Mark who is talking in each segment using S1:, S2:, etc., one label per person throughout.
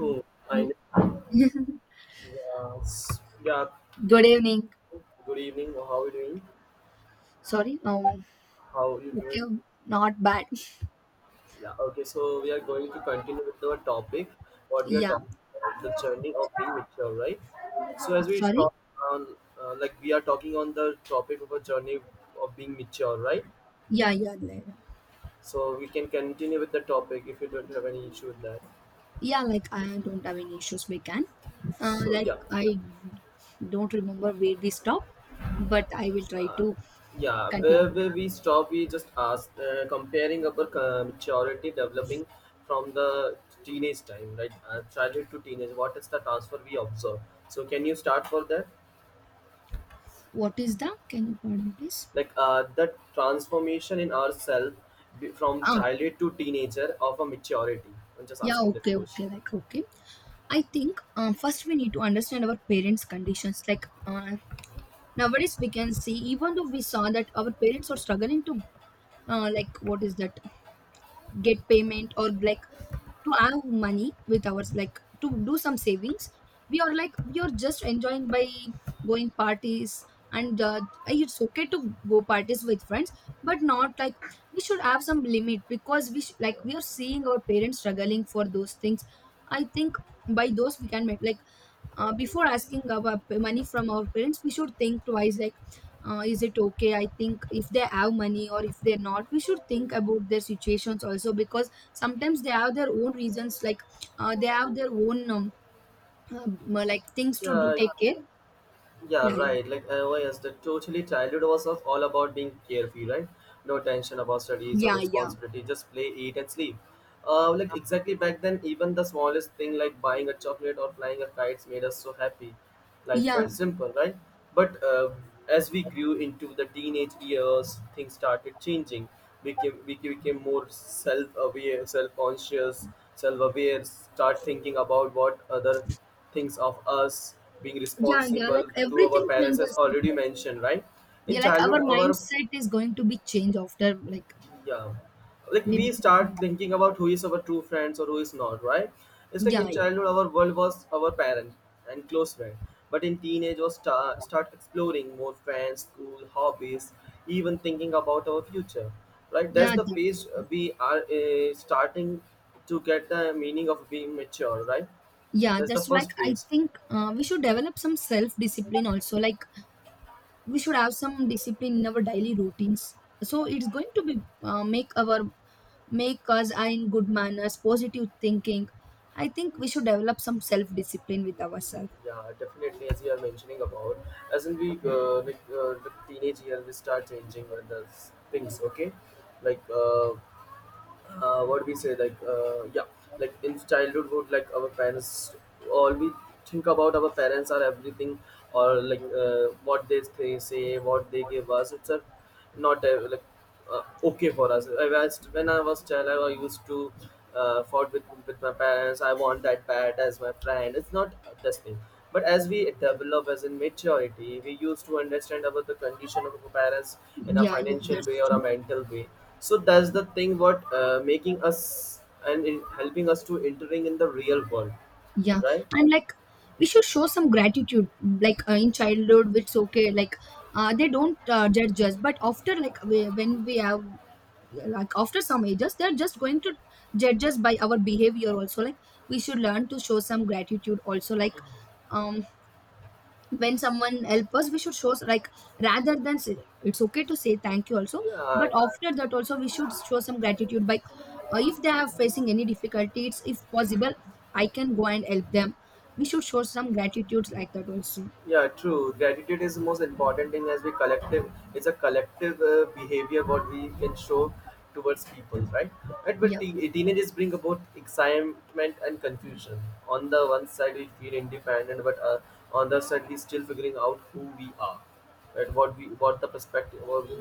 S1: I know. Yes. Yeah.
S2: Good evening.
S1: Good evening. How are you doing?
S2: Sorry.
S1: How are you doing?
S2: Okay. Not bad.
S1: Yeah. Okay. So we are going to continue with our topic. What we are
S2: Yeah.
S1: talking about, the journey of being mature, right? So as we
S2: Sorry.
S1: talk on, like we are talking on the topic of a journey of being mature, right?
S2: Yeah. Yeah. Lara.
S1: So we can continue with the topic if you don't have any issue with that.
S2: Yeah. Like I don't have any issues. We can.
S1: So
S2: Like
S1: yeah.
S2: I don't remember where we stopped, but I will try to
S1: Yeah, where,
S2: continue it.
S1: where we stop, we just ask, comparing our maturity developing from the teenage time, right? Childhood to teenage, what is the transfer we observe? So, can you start for that?
S2: What is the? Can you pardon, please?
S1: Like, the transformation in ourselves from
S2: Ah.
S1: childhood to teenager of a maturity. I'm just
S2: Yeah.
S1: asking that
S2: Okay.
S1: question.
S2: Okay. Like okay. I think. First, we need to understand our parents' conditions. Like. Nowadays, we can see even though we saw that our parents are struggling to. Like what is that? Get payment, or like to have money with ours, like to do some savings. We are like we are just enjoying by going parties, and it's okay to go parties with friends, but not like we should have some limit, because we like we are seeing our parents struggling for those things. I think by those we can make like before asking our money from our parents, we should think twice. Like is it okay? I think if they have money or if they're not, we should think about their situations also, because sometimes they have their own reasons, like they have their own like things to do,
S1: Yeah,
S2: take care.
S1: yeah,
S2: Yeah, yeah,
S1: right. Like I was the totally childhood was all about being carefree, right? No tension about studies or
S2: yeah, yeah,
S1: responsibility. Just play, eat, and sleep. Like exactly back then, even the smallest thing like buying a chocolate or flying a kite made us so happy. Life
S2: yeah,
S1: felt simple, right? But as we grew into the teenage years, things started changing. We became more self-aware, self-conscious, self-aware. Start thinking about what other things of us being
S2: yeah, yeah, like
S1: responsible to our
S2: everything
S1: parents as
S2: changes, like,
S1: already mentioned, right? In
S2: yeah, like our
S1: childhood our,
S2: mindset is going to be changed after like
S1: yeah, like
S2: we
S1: we
S2: became
S1: start thinking about who is our true friends or who is not, right? It's like
S2: Yeah,
S1: in
S2: yeah,
S1: childhood our world was our parent and close friend, but in teenage was start exploring more friends, school, hobbies, even thinking about our future, right? That's
S2: yeah,
S1: the
S2: that's
S1: phase
S2: true.
S1: we are starting to get the meaning of being mature, right?
S2: Yeah,
S1: That's the
S2: that's like
S1: first
S2: I
S1: phase.
S2: think we should develop some self discipline also. Like we should have some discipline in our daily routines. So it's going to be make our make us are in good manners, positive thinking. I think we should develop some self discipline with ourselves.
S1: Yeah, definitely. As you are mentioning about, as in we like the teenage year, we start changing the things. Okay, like what we say, like yeah, like in childhood, would like our parents all we think about our parents are everything, or like what they say, what they give us. It's a not like uh, okay for us. I was when I was child, I used to fought with my parents. I want that bat as my friend. It's not this thing, but as we develop as in maturity, we used to understand about the condition of our parents in a
S2: Yeah, yeah,
S1: financial way
S2: that's
S1: or a
S2: true.
S1: mental way. So that's the thing what making us and in helping us to entering in the real world,
S2: Yeah,
S1: right?
S2: and like we should show some gratitude. Like in childhood, it's okay. Like they don't judge us, but after like we, when we have like after some ages, they're just going to judge us by our behavior also. Like we should learn to show some gratitude also, like um when someone help us, we should show like rather than say, it's okay to say thank you also,
S1: Yeah,
S2: but after that also we should show some gratitude by if they are facing any difficulties, if possible I can go and help them. We should show some gratitude like that also.
S1: yeah, true. Gratitude is the most important thing as we collective. It's a collective behavior what we can show towards people, right? Right, but
S2: Yeah,
S1: teenagers bring about excitement and confusion. On the one side, we feel independent, but on the other side, we still figuring out who we are, right? What we, what the perspective what we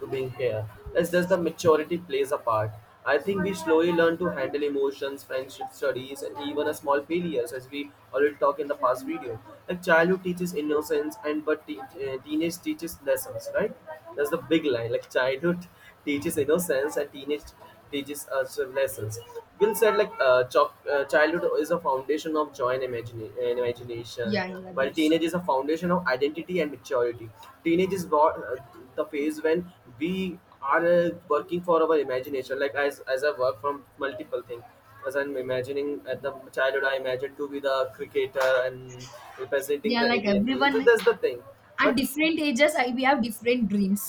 S1: to being here, as does the maturity plays a part. I think we slowly learn to handle emotions, friendship, studies, and even a small failures, as we already talked in the past video. Like childhood teaches innocence, and but teenage teaches lessons, right? That's the big line. Like childhood teaches innocence and teenage teaches us lessons. Will said like childhood is a foundation of joy and, and imagination,
S2: yeah, yeah,
S1: while
S2: that's
S1: teenage is a foundation of identity and maturity. Teenage is what the phase when we are working for our imagination. Like as I work from multiple things. As I'm imagining at the childhood, I imagined to be the cricketer and representing
S2: yeah,
S1: the
S2: like
S1: Indian team.
S2: everyone
S1: So
S2: like
S1: that's the thing.
S2: at
S1: But
S2: different ages, I, we have different dreams.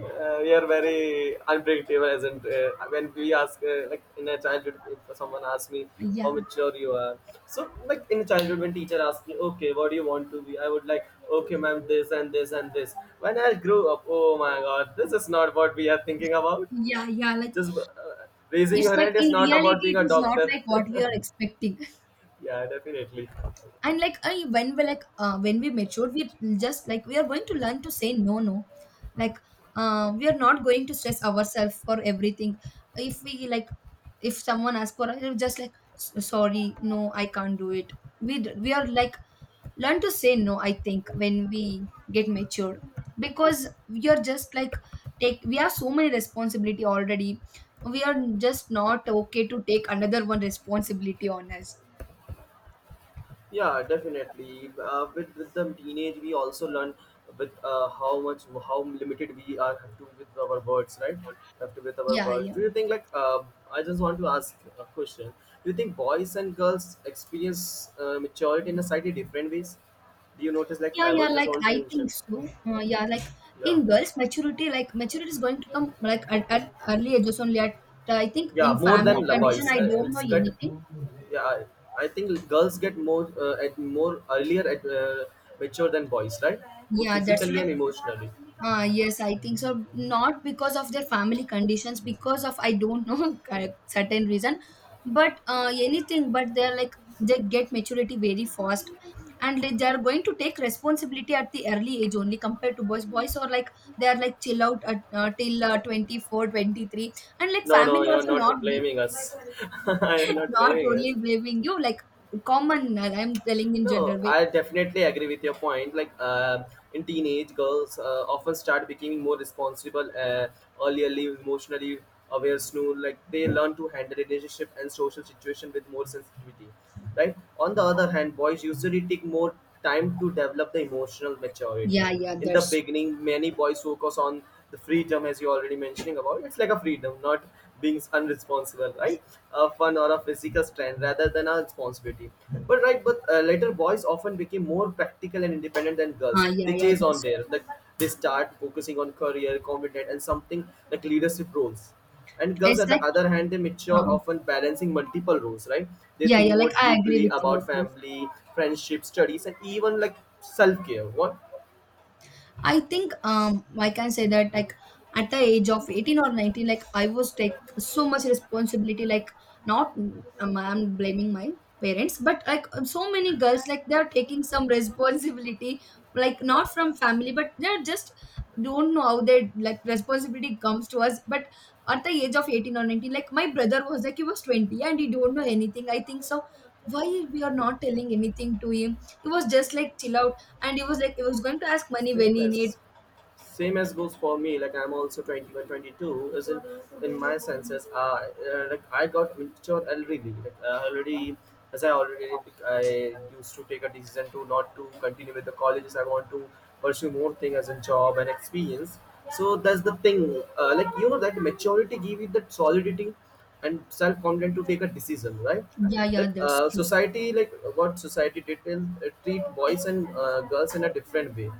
S1: we are very unpredictable as in when we ask like in a childhood if someone asks me how
S2: Yeah.
S1: mature you are, so like in childhood when teacher asks me, okay, what do you want to be, I would like, okay ma'am, this and this and this when I grow up. Oh my god, this is not what we are thinking about.
S2: Yeah, yeah. Like
S1: Just raising
S2: it's
S1: your
S2: like
S1: hand
S2: in
S1: is not about
S2: reality,
S1: being
S2: it
S1: a
S2: is not
S1: doctor.
S2: like what we are expecting.
S1: Yeah, definitely.
S2: And like I, when we like when we mature, we just like we are going to learn to say no, no. Like we are not going to stress ourselves for everything. If we like, if someone asks for us, we're just like, sorry, no, I can't do it. We are like learn to say no." I think when we get matured, because we are just like take we have so many responsibility already, we are just not okay to take another one responsibility on us.
S1: Yeah, definitely. With the teenage, we also learn with how much how limited we are have to with our words, right? Have to with our
S2: Yeah,
S1: words.
S2: yeah,
S1: Do you think like I just want to ask a question? Do you think boys and girls experience maturity in a slightly different ways? Do you notice like
S2: yeah,
S1: I
S2: yeah,
S1: want just
S2: like
S1: want to
S2: I think
S1: mention?
S2: so. Yeah, like
S1: Yeah.
S2: in girls maturity, like maturity is going to come like at early ages only, at I think
S1: Yeah,
S2: in
S1: more
S2: family
S1: than la
S2: condition,
S1: boys
S2: I don't
S1: it's
S2: know
S1: got,
S2: anything.
S1: yeah, I think girls get more at more earlier at mature than boys, right? Both
S2: Yeah, that's
S1: physically
S2: like
S1: and emotionally.
S2: Yes, I think so. Not because of their family conditions, because of I don't know certain reason, but anything. But they're like they get maturity very fast, and like they are going to take responsibility at the early age only compared to boys. Boys are like they are like chill out at, till 24, 23, and like
S1: No, no,
S2: family
S1: you're
S2: also
S1: not
S2: not be,
S1: blaming us. I am not
S2: not
S1: blaming us.
S2: only blaming you, like common. I'm telling in
S1: No,
S2: general way.
S1: I definitely agree with your point. Like in teenage, girls often start becoming more responsible, earlierly, emotionally aware, soon. Like they learn to handle relationship and social situation with more sensitivity, right? On the other hand, boys usually take more time to develop the emotional maturity.
S2: Yeah, yeah,
S1: In the
S2: that's
S1: beginning, many boys focus on the freedom as you're already mentioning about. It's like a freedom not being unresponsible, right? A fun or a physical strand rather than a responsibility, but right, but later boys often became more practical and independent than girls.
S2: yeah,
S1: They
S2: yeah,
S1: chase on
S2: that's
S1: there, like, they start focusing on career confident, and something like leadership roles. And girls
S2: it's
S1: at
S2: like.
S1: the other hand, they mature
S2: uh,
S1: often balancing multiple roles, right? They
S2: Yeah,
S1: think
S2: yeah,
S1: more
S2: like I agree
S1: deeply
S2: with you
S1: about
S2: about this.
S1: family, friendship, studies, and even like self-care, what?
S2: I think I can say that, like at the age of 18 or 19, like I was like so much responsibility, like not I'm blaming my parents, but like so many girls like they're taking some responsibility, like
S1: Yeah.
S2: not from family, but they're just don't know how they like responsibility comes to us. But at the age of 18 or 19, like my brother was like he was 20 and he don't know anything. I think so. Why we are not telling anything to him? It was just like chill out. And he was like, he was going to ask money when
S1: Same
S2: he need.
S1: as same as goes for me. Like I'm also 20. Isn't in my senses. Like I got mature already. Like already, as I already I used to take a decision to not to continue with the colleges. I want to pursue more thing as a job and experience. So that's the thing. Like you know that maturity give you that solidity and self-confident to take a decision, right?
S2: Yeah, yeah,
S1: Like
S2: that's true.
S1: society, like what society did is treat boys and girls in a different way,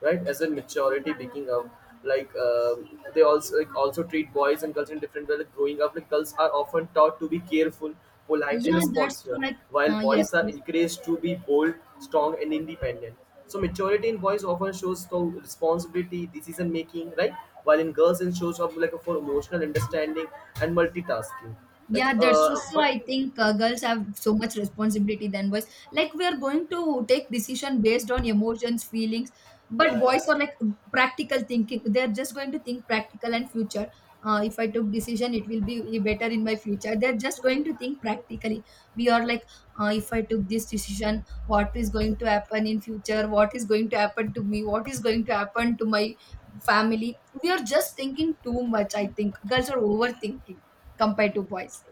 S1: right? As in maturity picking up, like they also like also treat boys and girls in different way. Like growing up, like girls are often taught to be careful, polite, and
S2: Yeah, that's
S1: responsible,
S2: true. Like,
S1: while
S2: yes,
S1: boys are
S2: yes.
S1: encouraged to be bold, strong, and independent. So maturity in boys often shows so responsibility, decision making, right? While in girls, it shows up like for emotional understanding and multitasking. Like,
S2: Yeah, that's true. So
S1: but
S2: I think girls have so much responsibility than boys. Like we are going to take decision based on emotions, feelings,
S1: yeah,
S2: but boys
S1: yeah.
S2: are like practical thinking. They're just going to think practical and future. If I took decision, it will be better in my future. They're just going to think practically. We are like, if I took this decision, what is going to happen in future? What is going to happen to me? What is going to happen to my family? We are just thinking too much. I think girls are overthinking compared to boys.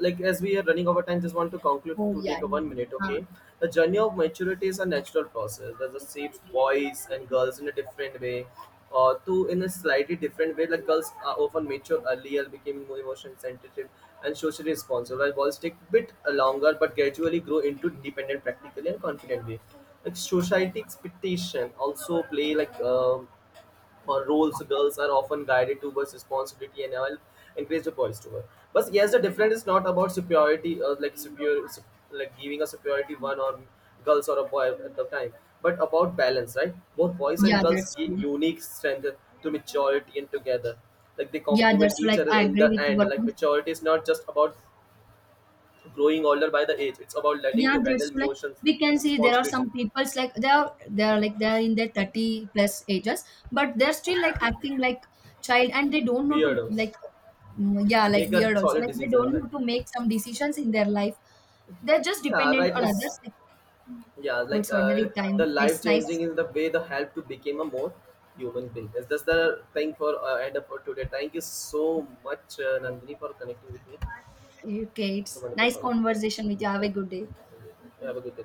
S1: Like as we are running over time, just want to conclude
S2: Oh
S1: to take
S2: yeah,
S1: a one
S2: yeah,
S1: minute
S2: uh,
S1: okay? The journey of maturity is a natural process that just shapes boys and girls in a different way, or to in a slightly different way. Like girls are often mature earlier, becoming more emotion sensitive and socially responsible, while boys take a bit longer but gradually grow into dependent practically and confident way. Like society expectation also play, like or roles, girls are often guided towards responsibility and will encourage the boys to work. But yes, the difference is not about superiority, like like giving a superiority one, or girls or a boy at the time, but about balance, right? Both boys and
S2: yeah.
S1: girls
S2: That's
S1: gain
S2: true.
S1: unique strength to maturity and together. Like they
S2: Yeah,
S1: complement
S2: that's true,
S1: each
S2: like
S1: other
S2: I
S1: in
S2: agree
S1: the
S2: with
S1: end.
S2: your
S1: Like
S2: point.
S1: maturity is not just about growing older by the age; it's about learning
S2: Yeah,
S1: to
S2: that's
S1: handle
S2: true, like
S1: emotions,
S2: we can see there are
S1: responsibility,
S2: some people's like they are like they are in their 30 plus ages, but they're still like acting like child, and they don't know to
S1: weirdos,
S2: like mm, yeah, like
S1: take a
S2: weird also.
S1: solid
S2: Like they
S1: decision,
S2: don't
S1: right?
S2: know to make some decisions in their life. They're just
S1: Yeah,
S2: dependent
S1: right.
S2: on
S1: It's,
S2: others. Like
S1: yeah,
S2: oh,
S1: like
S2: it's already
S1: the
S2: time.
S1: life
S2: It's
S1: changing
S2: nice.
S1: is the way the help to become a more human being. Is this the thing for end up for today? Thank you so much, Nandini, for connecting with me.
S2: Okay,
S1: So
S2: it's
S1: wonderful
S2: nice
S1: call. Yeah.
S2: conversation with you. Have a good day.
S1: Have a good day.